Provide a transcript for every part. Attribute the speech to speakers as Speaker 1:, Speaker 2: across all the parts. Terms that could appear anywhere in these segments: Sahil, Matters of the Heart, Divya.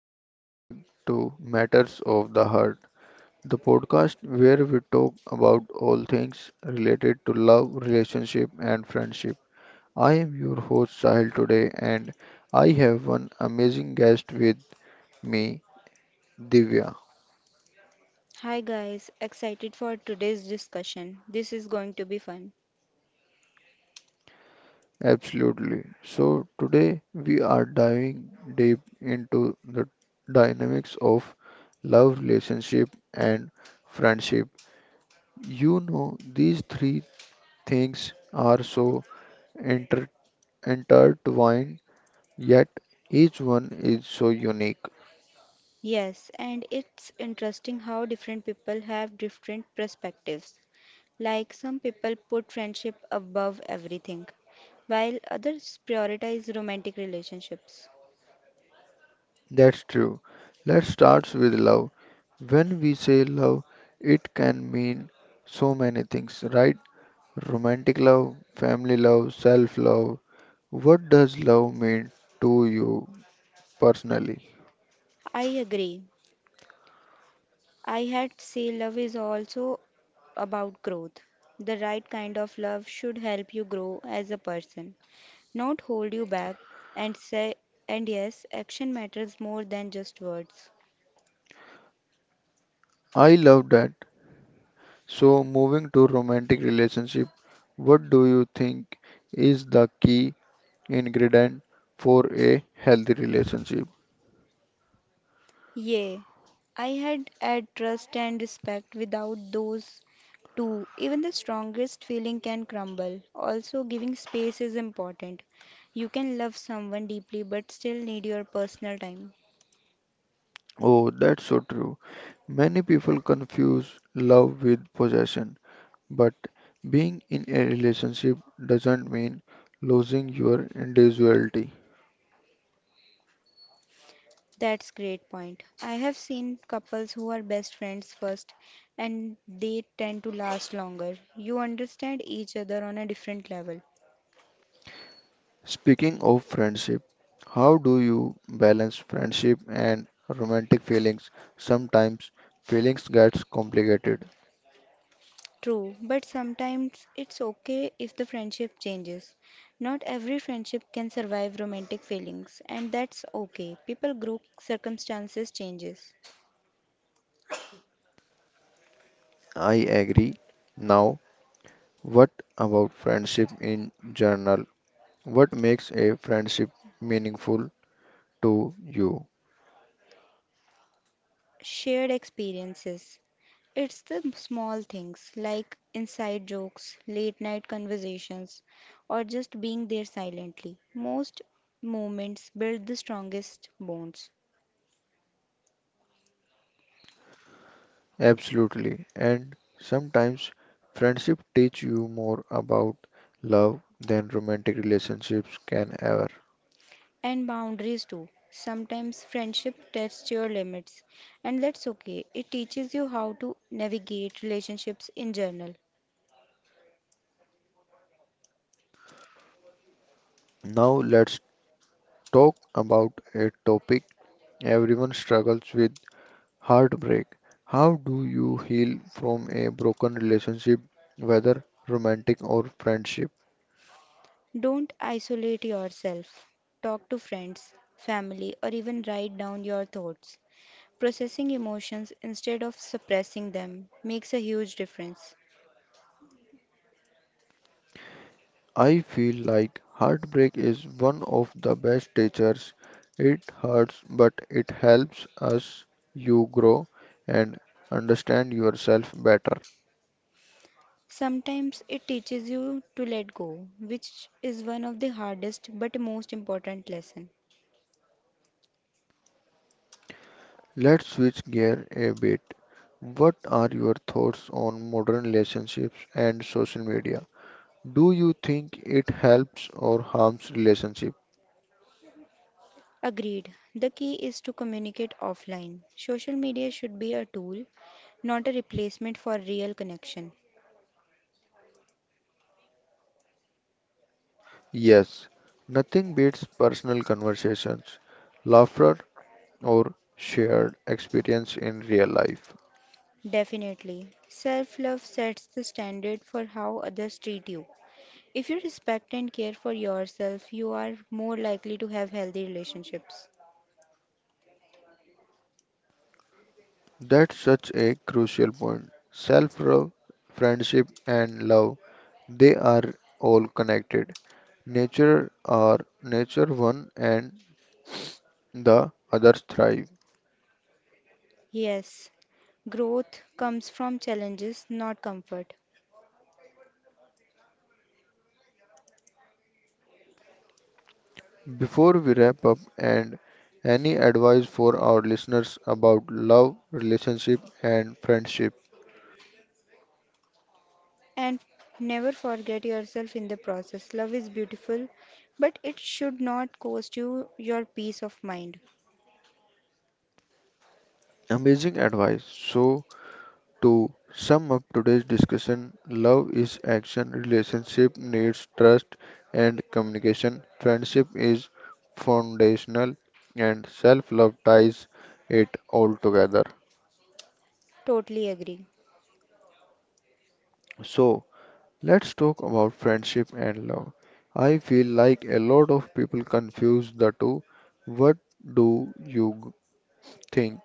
Speaker 1: welcome back to Matters of the Heart, the podcast where we talk about all things related to love, relationship, and friendship. I am your host Sahil today, and I have one amazing guest with me, Divya.
Speaker 2: Hi guys, excited for today's discussion. This is going to be fun.
Speaker 1: Absolutely. So, today we are diving deep into the dynamics of love, relationship, and friendship. You know, these three things are so inter- intertwined, yet each one is so unique.
Speaker 2: Yes, and it's interesting how different people have different perspectives. Like some people put friendship above everything, while others prioritize romantic relationships.
Speaker 1: That's true. Let's start with love. When we say love, it can mean so many things, right? Romantic love, family love, self love. What does love mean to you personally?
Speaker 2: I agree. I had say love is also about growth. The right kind of love should help you grow as a person not hold you back, and say, and yes, action matters more than just words.
Speaker 1: I love that. So, moving to romantic relationship, what do you think is the key ingredient for a healthy relationship?
Speaker 2: Yea, I had had trust and respect without those two. Even the strongest feeling can crumble. Also, giving space is important. You can love someone deeply but still need your personal time.
Speaker 1: Oh, that's so true. Many people confuse love with possession, but being in a relationship doesn't mean losing your individuality.
Speaker 2: That's great point. I have seen couples who are best friends first and they tend to last longer. You understand each other on a different level.
Speaker 1: Speaking of friendship, how do you balance friendship and romantic feelings? Sometimes feelings gets complicated.
Speaker 2: True, but sometimes it's okay if the friendship changes. Not every friendship can survive romantic feelings, and that's okay. People grow, circumstances changes.
Speaker 1: I agree. Now, what about friendship in general? What makes a friendship meaningful to you?
Speaker 2: Shared experiences. It's the small things like inside jokes, late night conversations, or just being there silently. Most moments build the strongest bonds.
Speaker 1: Absolutely. And sometimes friendship teach you more about love than romantic relationships can ever.
Speaker 2: And boundaries too. Sometimes friendship tests your limits, and that's okay. It teaches you how to navigate relationships in general.
Speaker 1: Now let's talk about a topic everyone struggles with, heartbreak. How do you heal from a broken relationship, whether romantic or friendship?
Speaker 2: Don't isolate yourself. Talk to friends, family, or even write down your thoughts. Processing emotions instead of suppressing them makes a huge difference.
Speaker 1: I feel like heartbreak is one of the best teachers. It hurts, but it helps us you grow and understand yourself better.
Speaker 2: Sometimes it teaches you to let go, which is one of the hardest but most important lesson.
Speaker 1: Let's switch gear a bit. What are your thoughts on modern relationships and social media? Do you think it helps or harms relationship?
Speaker 2: Agreed. The key is to communicate offline. Social media should be a tool, not a replacement for real connection.
Speaker 1: Yes, nothing beats personal conversations, laughter, or shared experience in real life.
Speaker 2: Definitely. Self love sets the standard for how others treat you. If you respect and care for yourself, you are more likely to have healthy relationships.
Speaker 1: That's such a crucial point. Self love, friendship, and love they are all connected. Nature are nature one and the others thrive.
Speaker 2: Yes, growth comes from challenges, not comfort.
Speaker 1: Before we wrap up, and any advice for our listeners about love, relationship, and friendship?
Speaker 2: And never forget yourself in the process. Love is beautiful, but it should not cost you your peace of mind.
Speaker 1: Amazing advice. So to sum up today's discussion, love is action, relationship needs trust and communication, friendship is foundational, and self love ties it all together.
Speaker 2: Totally agree.
Speaker 1: So, let's talk about friendship and love. I feel like a lot of people confuse the two. What do you think?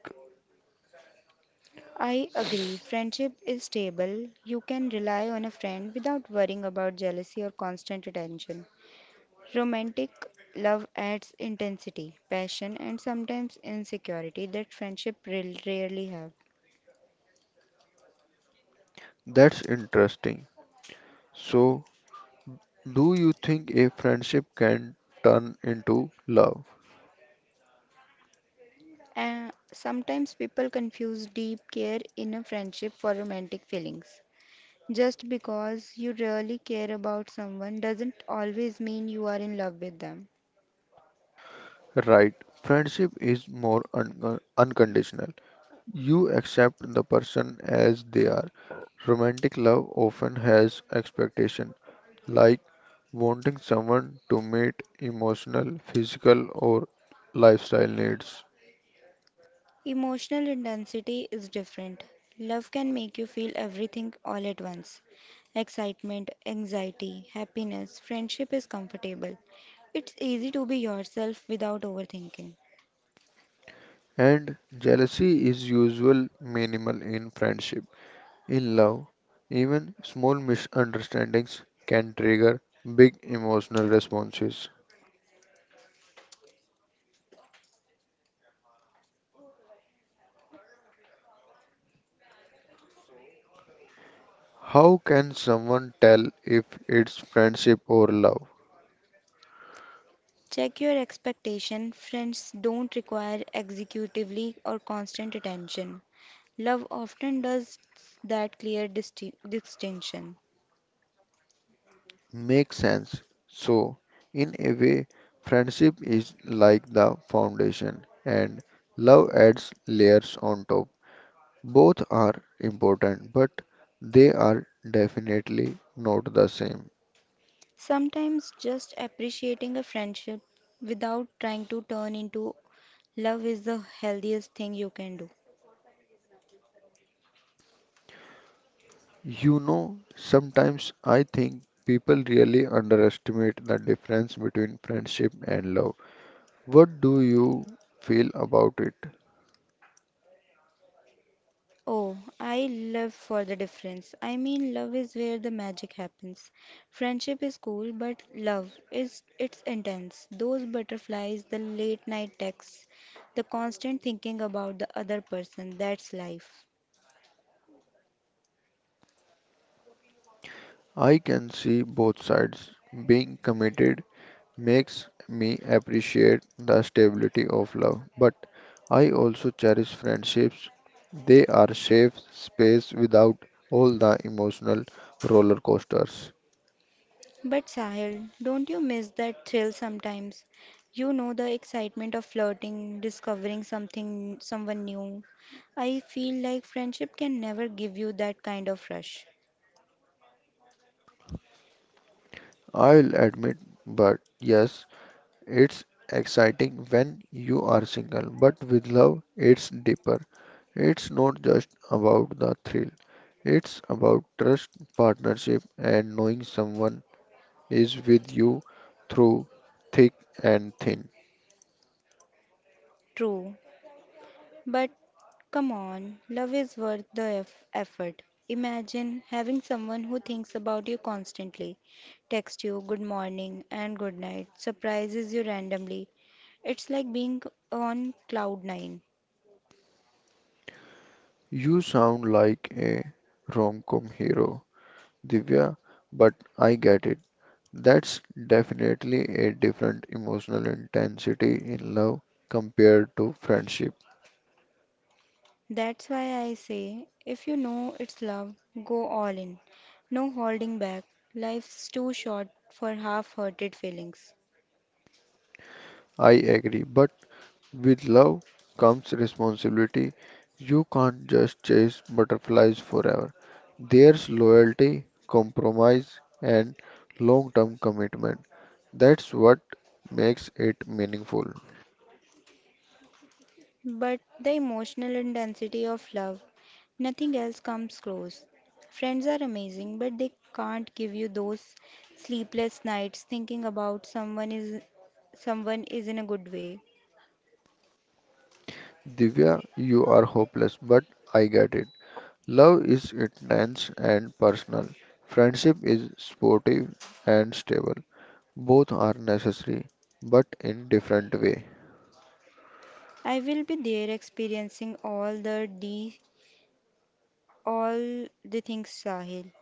Speaker 2: I agree. Friendship is stable. You can rely on a friend without worrying about jealousy or constant attention. Romantic love adds intensity, passion, and sometimes insecurity that rarely have.
Speaker 1: That's interesting. So, do you think a friendship can turn into love?
Speaker 2: And sometimes people confuse deep care in a friendship for romantic feelings. Just because you really care about someone doesn't always mean you are in love with them.
Speaker 1: Right. Friendship is more unconditional. You accept the person as they are. Romantic love often has expectation, like wanting someone to meet emotional, physical, or lifestyle needs.
Speaker 2: Emotional intensity is different. Love can make you feel everything all at once: excitement, anxiety, happiness. Friendship is comfortable. It's easy to be yourself without overthinking.
Speaker 1: And jealousy is usual minimal in friendship. In love, even small misunderstandings can trigger big emotional responses. How can someone tell if it's friendship or love?
Speaker 2: Check your expectation. Friends don't require executively or constant attention. Love often does that clear distinction.
Speaker 1: Makes sense. So, in a way, friendship is like the foundation and love adds layers on top. Both are important, but they are definitely not the same.
Speaker 2: Sometimes just appreciating a friendship without trying to turn into love is the healthiest thing you can do.
Speaker 1: You know, sometimes I think people really underestimate the difference between friendship and love. What do you feel about it?
Speaker 2: Oh, I love for the difference. I mean, love is where the magic happens. Friendship is cool, but love is it's intense. Those butterflies, the late night texts, the constant thinking about the other person, that's life.
Speaker 1: I can see both sides. Being committed makes me appreciate the stability of love, but I also cherish friendships. They are safe space without all the emotional roller coasters.
Speaker 2: But Sahil, don't you miss that thrill sometimes? You know the excitement of flirting, discovering something, someone new. I feel like friendship can never give you that kind of rush.
Speaker 1: I'll admit, but yes, it's exciting when you are single, but with love, it's deeper. It's not just about the thrill. It's about trust, partnership, and knowing someone is with you through thick and thin.
Speaker 2: True, but come on, love is worth the effort. Imagine having someone who thinks about you constantly, texts you good morning and good night, surprises you randomly. It's like being on cloud nine.
Speaker 1: You sound like a rom-com hero, Divya, but I get it. That's definitely a different emotional intensity in love compared to friendship.
Speaker 2: That's why I say if you know it's love, go all in. No holding back. Life's too short for half hearted feelings.
Speaker 1: I agree, but with love comes responsibility. You can't just chase butterflies forever. There's loyalty, compromise, and long term commitment. That's what makes it meaningful.
Speaker 2: But the emotional intensity of love, nothing else comes close. Friends are amazing, but they can't give you those sleepless nights thinking about someone is in a good way.
Speaker 1: Divya, you are hopeless, but I get it. Love is intense and personal. Friendship is sportive and stable. Both are necessary, but in different way.
Speaker 2: I will be there experiencing all the things Sahil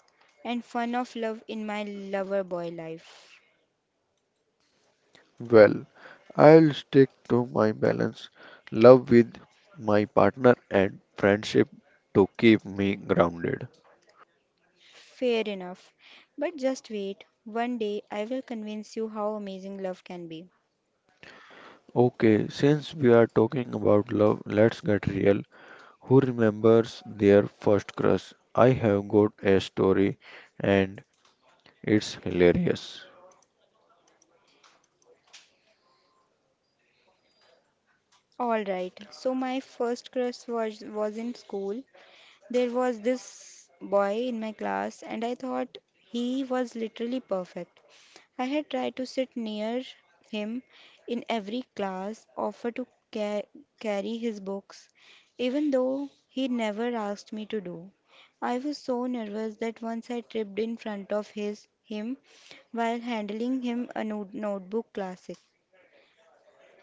Speaker 2: and fun of love in my lover boy life.
Speaker 1: Well, I'll stick to my balance, love with my partner and friendship to keep me grounded.
Speaker 2: Fair enough. But just wait, one day I will convince you how amazing love can be.
Speaker 1: Okay, since we are talking about love, let's get real. Who remembers their first crush? I have got a story and it's hilarious.
Speaker 2: Alright, so my first crush was in school. There was this boy in my class, and I thought he was literally perfect. I had tried to sit near him in every class, offer to ca- carry his books, even though he never asked me to do. I was so nervous that once I tripped in front of his him while handling him a notebook classic.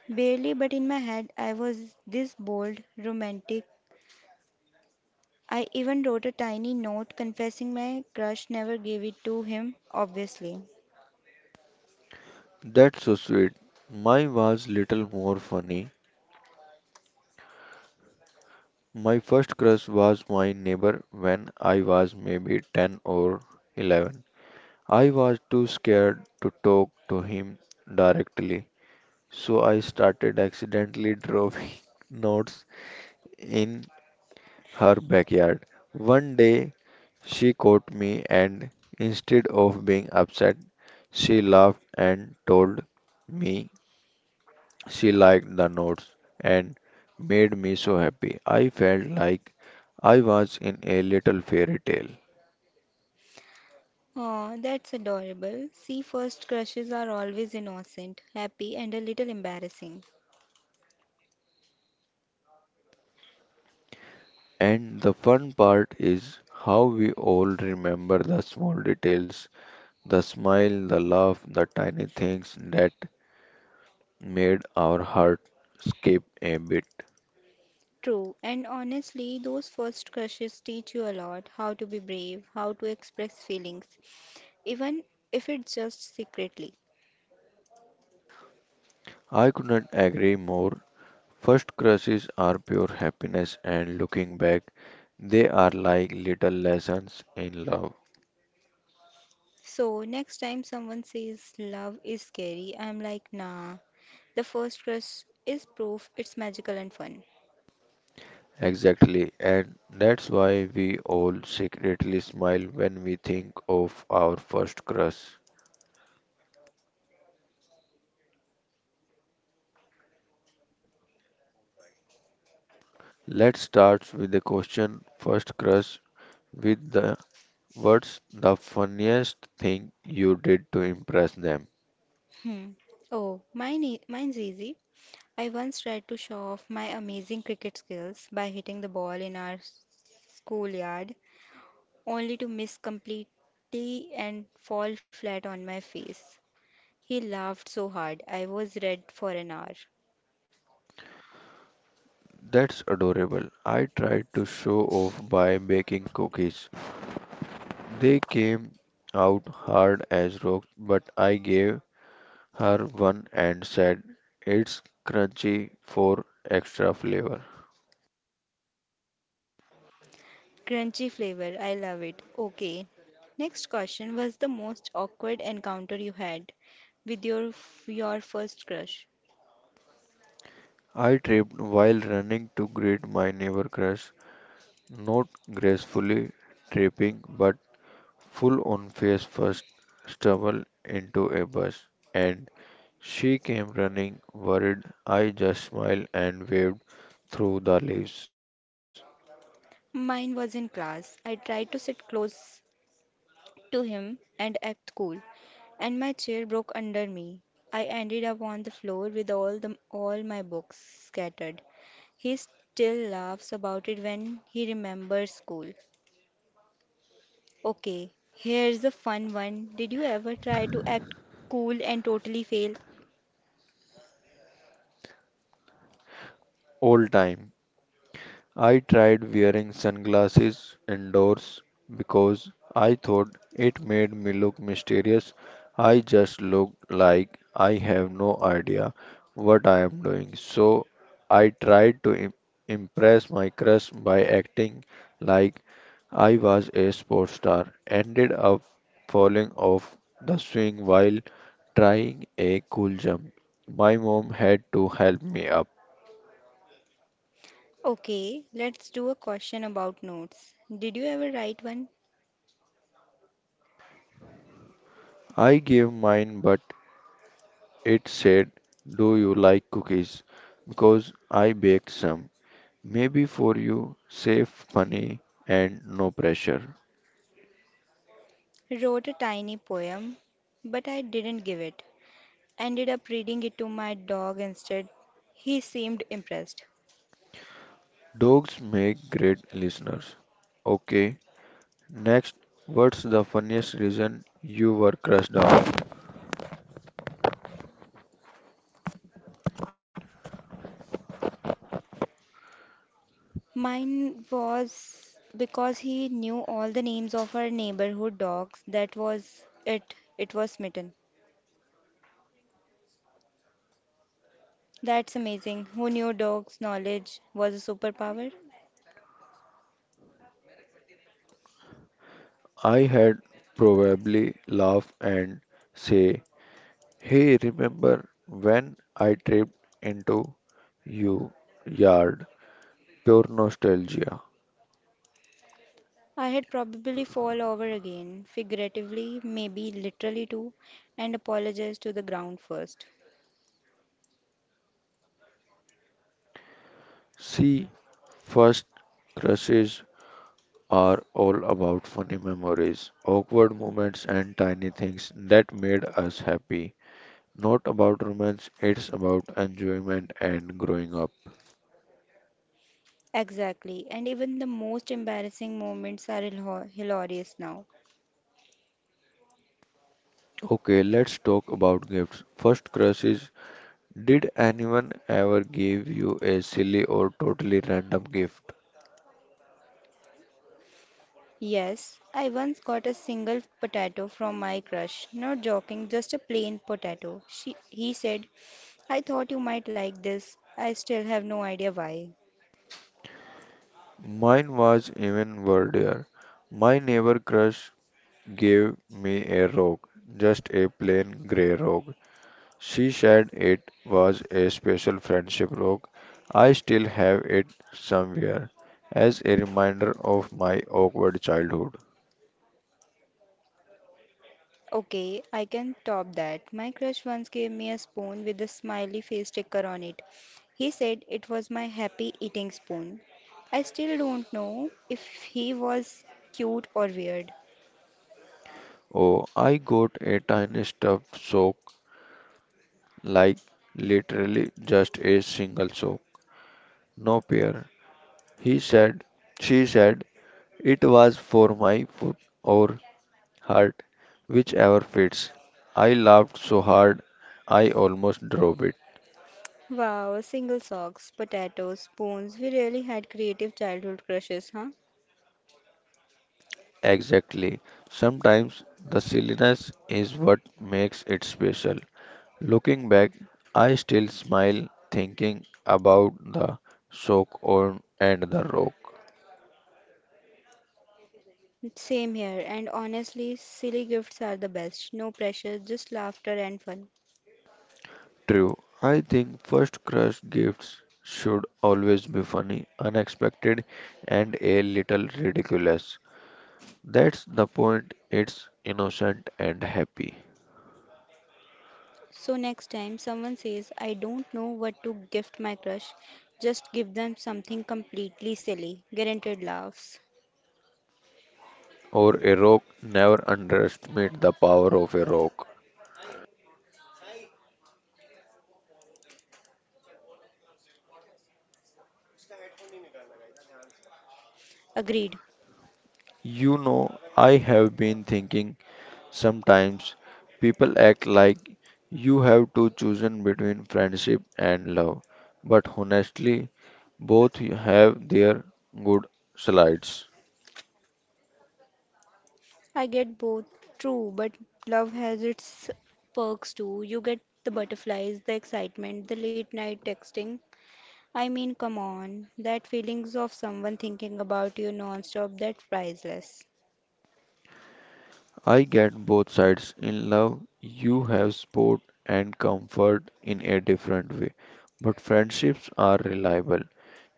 Speaker 2: Barely, but in my head, I was this bold, romantic, I even wrote a tiny note confessing my crush never gave it to him, obviously.
Speaker 1: That's so sweet. Mine was little more funny. My first crush was my neighbor when I was maybe 10 or 11. I was too scared to talk to him directly, so I started accidentally dropping notes in her backyard. One day she caught me and instead of being upset, she laughed and told me she liked the notes and made me so happy. I felt like I was in a little fairy tale.
Speaker 2: Oh, that's adorable. See, first crushes are always innocent, happy, and a little embarrassing.
Speaker 1: And the fun part is how we all remember the small details, the smile, the laugh, the tiny things that made our heart skip a bit.
Speaker 2: True, and honestly, those first crushes teach you a lot how to be brave, how to express feelings, even if it's just secretly.
Speaker 1: I could not agree more. First crushes are pure happiness, and looking back, they are like little lessons in love.
Speaker 2: So, next time someone says love is scary, I'm like, nah, the first crush is proof it's magical and fun.
Speaker 1: Exactly, and that's why we all secretly smile when we think of our first crush. Let's start with the question first crush with the words, the funniest thing you did to impress them?
Speaker 2: Hmm. Oh, mine's easy. I once tried to show off my amazing cricket skills by hitting the ball in our schoolyard, only to miss completely and fall flat on my face. He laughed so hard, I was red for an hour.
Speaker 1: That's adorable. I tried to show off by baking cookies. They came out hard as rocks, but I gave her one and said it's crunchy for extra flavor.
Speaker 2: Crunchy flavor, I love it. Okay. Next question was the most awkward encounter you had with your your first crush.
Speaker 1: I tripped while running to greet my neighbor crush, not gracefully tripping, but full on face first stumble into a bus and she came running, worried. I just smiled and waved through the leaves.
Speaker 2: Mine was in class. I tried to sit close to him and act cool, and my chair broke under me. I ended up on the floor with all my books scattered. He still laughs about it when he remembers school. Okay, here's a fun one. Did you ever try to act cool and totally fail?
Speaker 1: Old time. I tried wearing sunglasses indoors because I thought it made me look mysterious. I just looked like I have no idea what I am doing. So I tried to impress my crush by acting like I was a sports star. Ended up falling off the swing while trying a cool jump. My mom had to help me up.
Speaker 2: Okay, let's do a question about notes. Did you ever write one?
Speaker 1: I gave mine, but it said, do you like cookies? Because I baked some. Maybe for you, safe, funny, and no pressure.
Speaker 2: Wrote a tiny poem, but I didn't give it. Ended up reading it to my dog instead. He seemed impressed.
Speaker 1: Dogs make great listeners. Okay, next, what's the funniest reason you were crushed out?
Speaker 2: Mine was because he knew all the names of our neighborhood dogs. That was it. It was mitten. That's amazing. Who knew dogs' knowledge was a superpower?
Speaker 1: I had probably laugh and say, hey, remember when I tripped into you yard? Pure nostalgia.
Speaker 2: I had probably fall over again, figuratively, maybe literally too, and apologize to the ground first.
Speaker 1: See, first crushes are all about funny memories, awkward moments, and tiny things that made us happy. Not about romance, it's about enjoyment and growing up.
Speaker 2: Exactly. And even the most embarrassing moments are hilarious now.
Speaker 1: Okay, let's talk about gifts. First crushes. Did anyone ever give you a silly or totally random gift?
Speaker 2: Yes, I once got a single potato from my crush. Not joking, just a plain potato. He said, I thought you might like this. I still have no idea why.
Speaker 1: Mine was even wordier. My neighbor crush gave me a rock, just a plain grey rock. She said it was a special friendship rock. I still have it somewhere as a reminder of my awkward childhood.
Speaker 2: Okay, I can top that. My crush once gave me a spoon with a smiley face sticker on it. He said it was my happy eating spoon. I still don't know if he was cute or weird.
Speaker 1: Oh, I got a tiny stuffed sock, like literally just a single sock. No pair. He said, she said, it was for my foot or heart, whichever fits. I laughed so hard I almost dropped it.
Speaker 2: Wow, single socks, potatoes, spoons. We really had creative childhood crushes, huh?
Speaker 1: Exactly. Sometimes the silliness is what makes it special. Looking back, I still smile thinking about the sock on and the rock.
Speaker 2: Same here, and honestly, silly gifts are the best. No pressure, just laughter and fun.
Speaker 1: True, I think first crush gifts should always be funny, unexpected, and a little ridiculous. That's the point, it's innocent and happy.
Speaker 2: So, next time someone says, I don't know what to gift my crush, just give them something completely silly. Guaranteed laughs.
Speaker 1: Or a rock, never underestimate the power of a rock.
Speaker 2: Agreed.
Speaker 1: You know, I have been thinking sometimes people act like you have to choose between friendship and love, but honestly, both have their good sides.
Speaker 2: I get both. True, but love has its perks too. You get the butterflies, the excitement, the late night texting. I mean, come on, that feelings of someone thinking about you non-stop, that's priceless.
Speaker 1: I get both sides. In love, you have support and comfort in a different way, but friendships are reliable.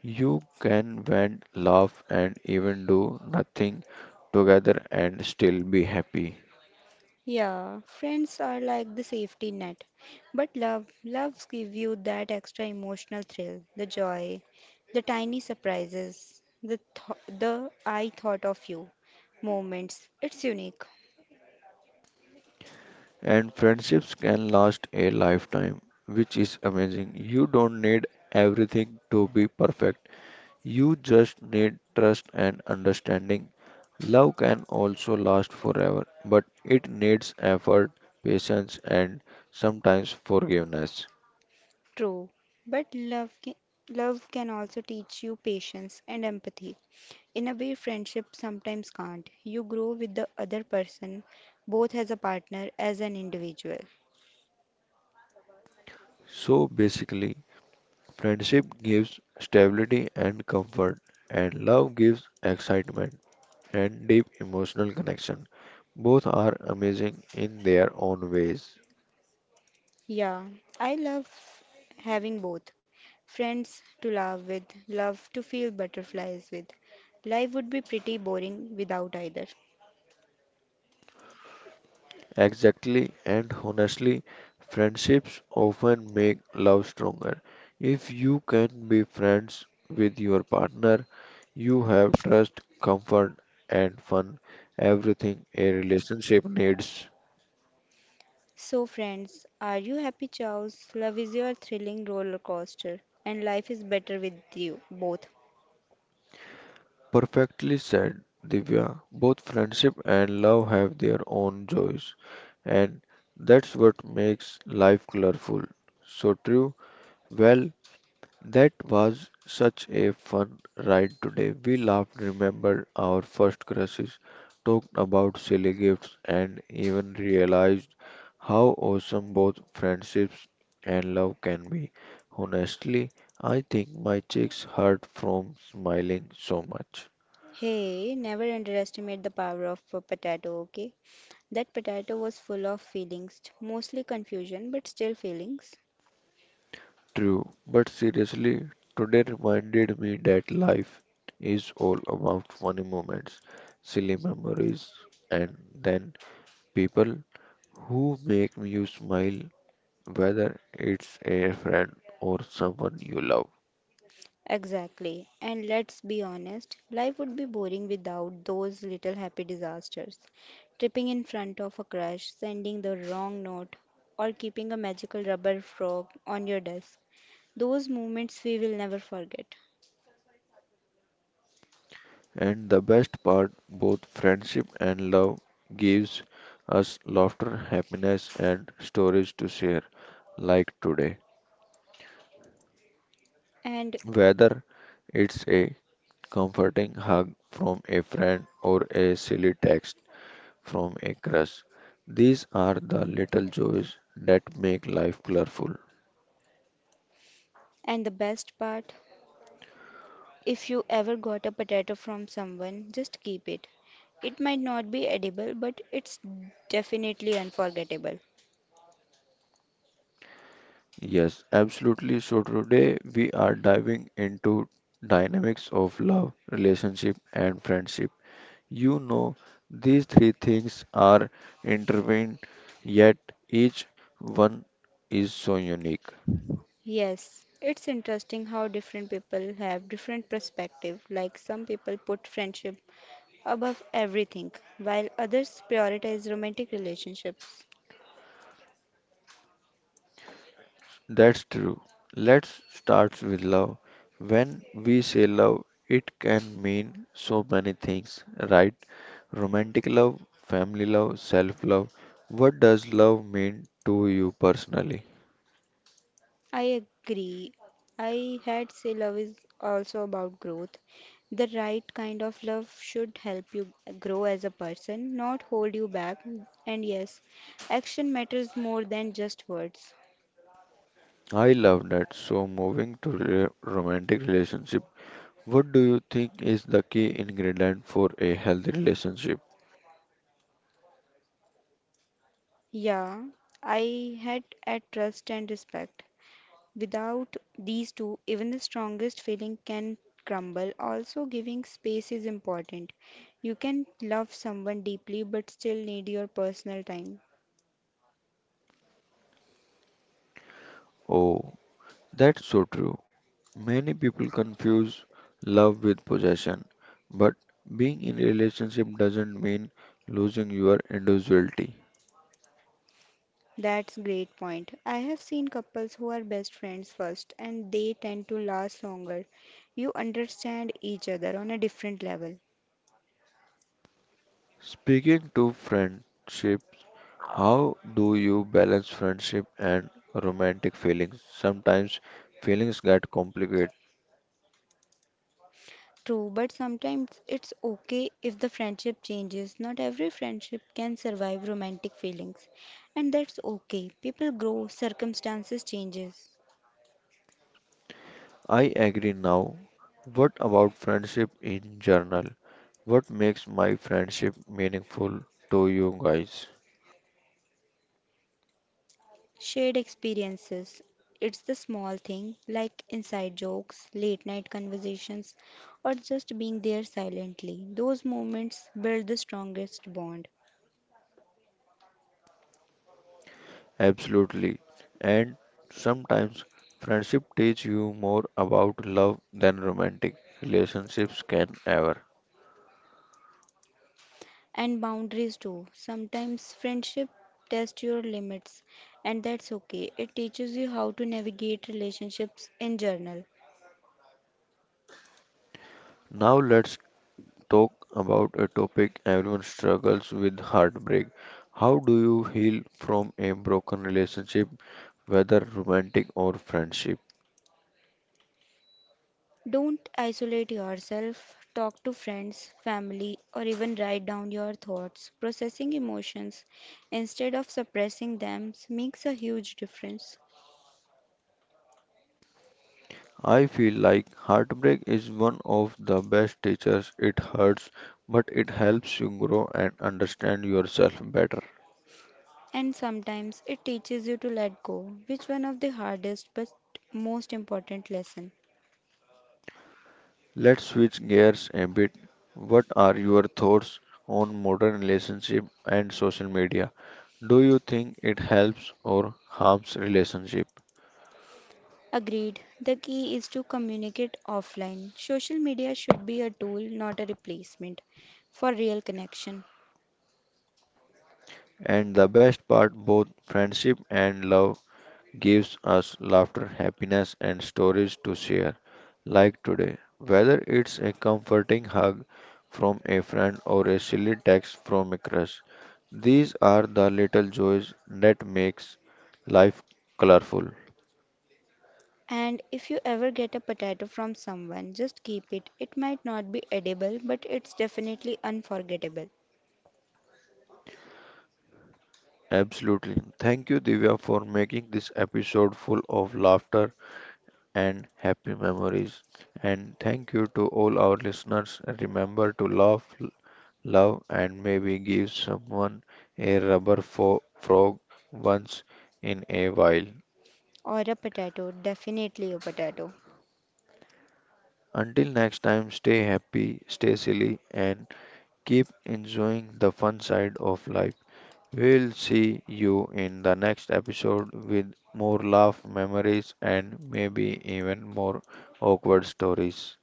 Speaker 1: You can vent, laugh, and even do nothing together and still be happy.
Speaker 2: Yeah, friends are like the safety net, but love loves give you that extra emotional thrill, the joy, the tiny surprises, the th the I thought of you moments. It's unique,
Speaker 1: And friendships can last a lifetime, which is amazing. You don't need everything to be perfect, you just need trust and understanding. Love can also last forever, but it needs effort, patience, and sometimes forgiveness.
Speaker 2: true, but love can also teach you patience and empathy. In a way, friendship sometimes can't. You grow with the other person, both as a partner, as an individual.
Speaker 1: So basically, friendship gives stability and comfort, and love gives excitement and deep emotional connection. Both are amazing in their own ways.
Speaker 2: Yeah, I love having both. Friends to laugh with, love to feel butterflies with. Life would be pretty boring without either.
Speaker 1: Exactly, and honestly, friendships often make love stronger. If you can be friends with your partner, you have trust, comfort, and fun, everything a relationship needs.
Speaker 2: So, friends, are you happy, Charles? Love is your thrilling roller coaster, and life is better with you both.
Speaker 1: Perfectly said, Divya. Both friendship and love have their own joys, and that's what makes life colorful. So true. Well, that was such a fun ride today. We laughed, remembered our first crushes, talked about silly gifts, and even realized how awesome both friendships and love can be. Honestly, I think my cheeks hurt from smiling so much.
Speaker 2: Hey, never underestimate the power of a potato, okay? That potato was full of feelings, mostly confusion, but still feelings.
Speaker 1: True, but seriously, today reminded me that life is all about funny moments, silly memories, and then people who make you smile, whether it's a friend or someone you love.
Speaker 2: Exactly. And let's be honest, life would be boring without those little happy disasters. Tripping in front of a crush, sending the wrong note, or keeping a magical rubber frog on your desk. Those moments we will never forget.
Speaker 1: And the best part, both friendship and love gives us laughter, happiness, and stories to share, like today.
Speaker 2: And
Speaker 1: Whether it's a comforting hug from a friend or a silly text from a crush, these are the little joys that make life colorful.
Speaker 2: and the best part, if you ever got a potato from someone, just keep it. It might not be edible, but it's definitely unforgettable.
Speaker 1: Yes, absolutely. So today we are diving into dynamics of love, relationship and friendship. You know, these three things are intertwined, yet each one is so unique.
Speaker 2: Yes, it's interesting how different people have different perspective. Like some people put friendship above everything, while others prioritize romantic relationships.
Speaker 1: That's true. Let's start with love. When we say love, it can mean so many things, right? Romantic love, family love, self love. What does love mean to you personally?
Speaker 2: I agree. I had say love is also about growth. The right kind of love should help you grow as a person, not hold you back. And yes, action matters more than just words.
Speaker 1: I love that. So, moving to romantic relationship, what do you think is the key ingredient for a healthy relationship?
Speaker 2: Yeah, I had at trust and respect. Without these two, even the strongest feeling can crumble. Also, giving space is important. You can love someone deeply but still need your personal time.
Speaker 1: Oh, that's so true. Many people confuse love with possession, but being in a relationship doesn't mean losing your individuality.
Speaker 2: That's great point. I have seen couples who are best friends first and they tend to last longer. You understand each other on a different level.
Speaker 1: Speaking to friendships, how do you balance friendship and romantic feelings? Sometimes feelings get complicated.
Speaker 2: True, but sometimes it's okay if the friendship changes. Not every friendship can survive romantic feelings, and that's okay. People grow, circumstances changes.
Speaker 1: I agree now. What about friendship in general? What makes my friendship meaningful to you guys?
Speaker 2: Shared experiences. It's the small thing like inside jokes, late night conversations, or just being there silently. Those moments build the strongest bond.
Speaker 1: Absolutely. And sometimes friendship teach you more about love than romantic relationships can ever.
Speaker 2: And boundaries too. Sometimes friendship tests your limits, and that's okay. It teaches you how to navigate relationships in general.
Speaker 1: Now let's talk about a topic everyone struggles with heartbreak. How do you heal from a broken relationship, whether romantic or friendship?
Speaker 2: Don't isolate yourself. Talk to friends, family, or even write down your thoughts. Processing emotions instead of suppressing them makes a huge difference.
Speaker 1: I feel like heartbreak is one of the best teachers. It hurts, but it helps you grow and understand yourself better.
Speaker 2: And sometimes it teaches you to let go, which one of the hardest but most important lesson.
Speaker 1: Let's switch gears a bit. What are your thoughts on modern relationship and social media? Do you think it helps or harms relationship?
Speaker 2: Agreed. The key is to communicate offline. Social media should be a tool, not a replacement for real connection.
Speaker 1: And the best part, both friendship and love gives us laughter, happiness, and stories to share, like today. Whether it's a comforting hug from a friend or a silly text from a crush, these are the little joys that makes life colorful.
Speaker 2: And if you ever get a potato from someone, just keep it. It might not be edible, but it's definitely unforgettable.
Speaker 1: Absolutely. Thank you, Divya, for making this episode full of laughter and happy memories. And thank you to all our listeners. Remember to laugh, love and maybe give someone a rubber frog once in a while.
Speaker 2: Or a potato, definitely a potato.
Speaker 1: Until next time, stay happy, stay silly, and keep enjoying the fun side of life. We'll see you in the next episode with more laugh, memories, and maybe even more awkward stories.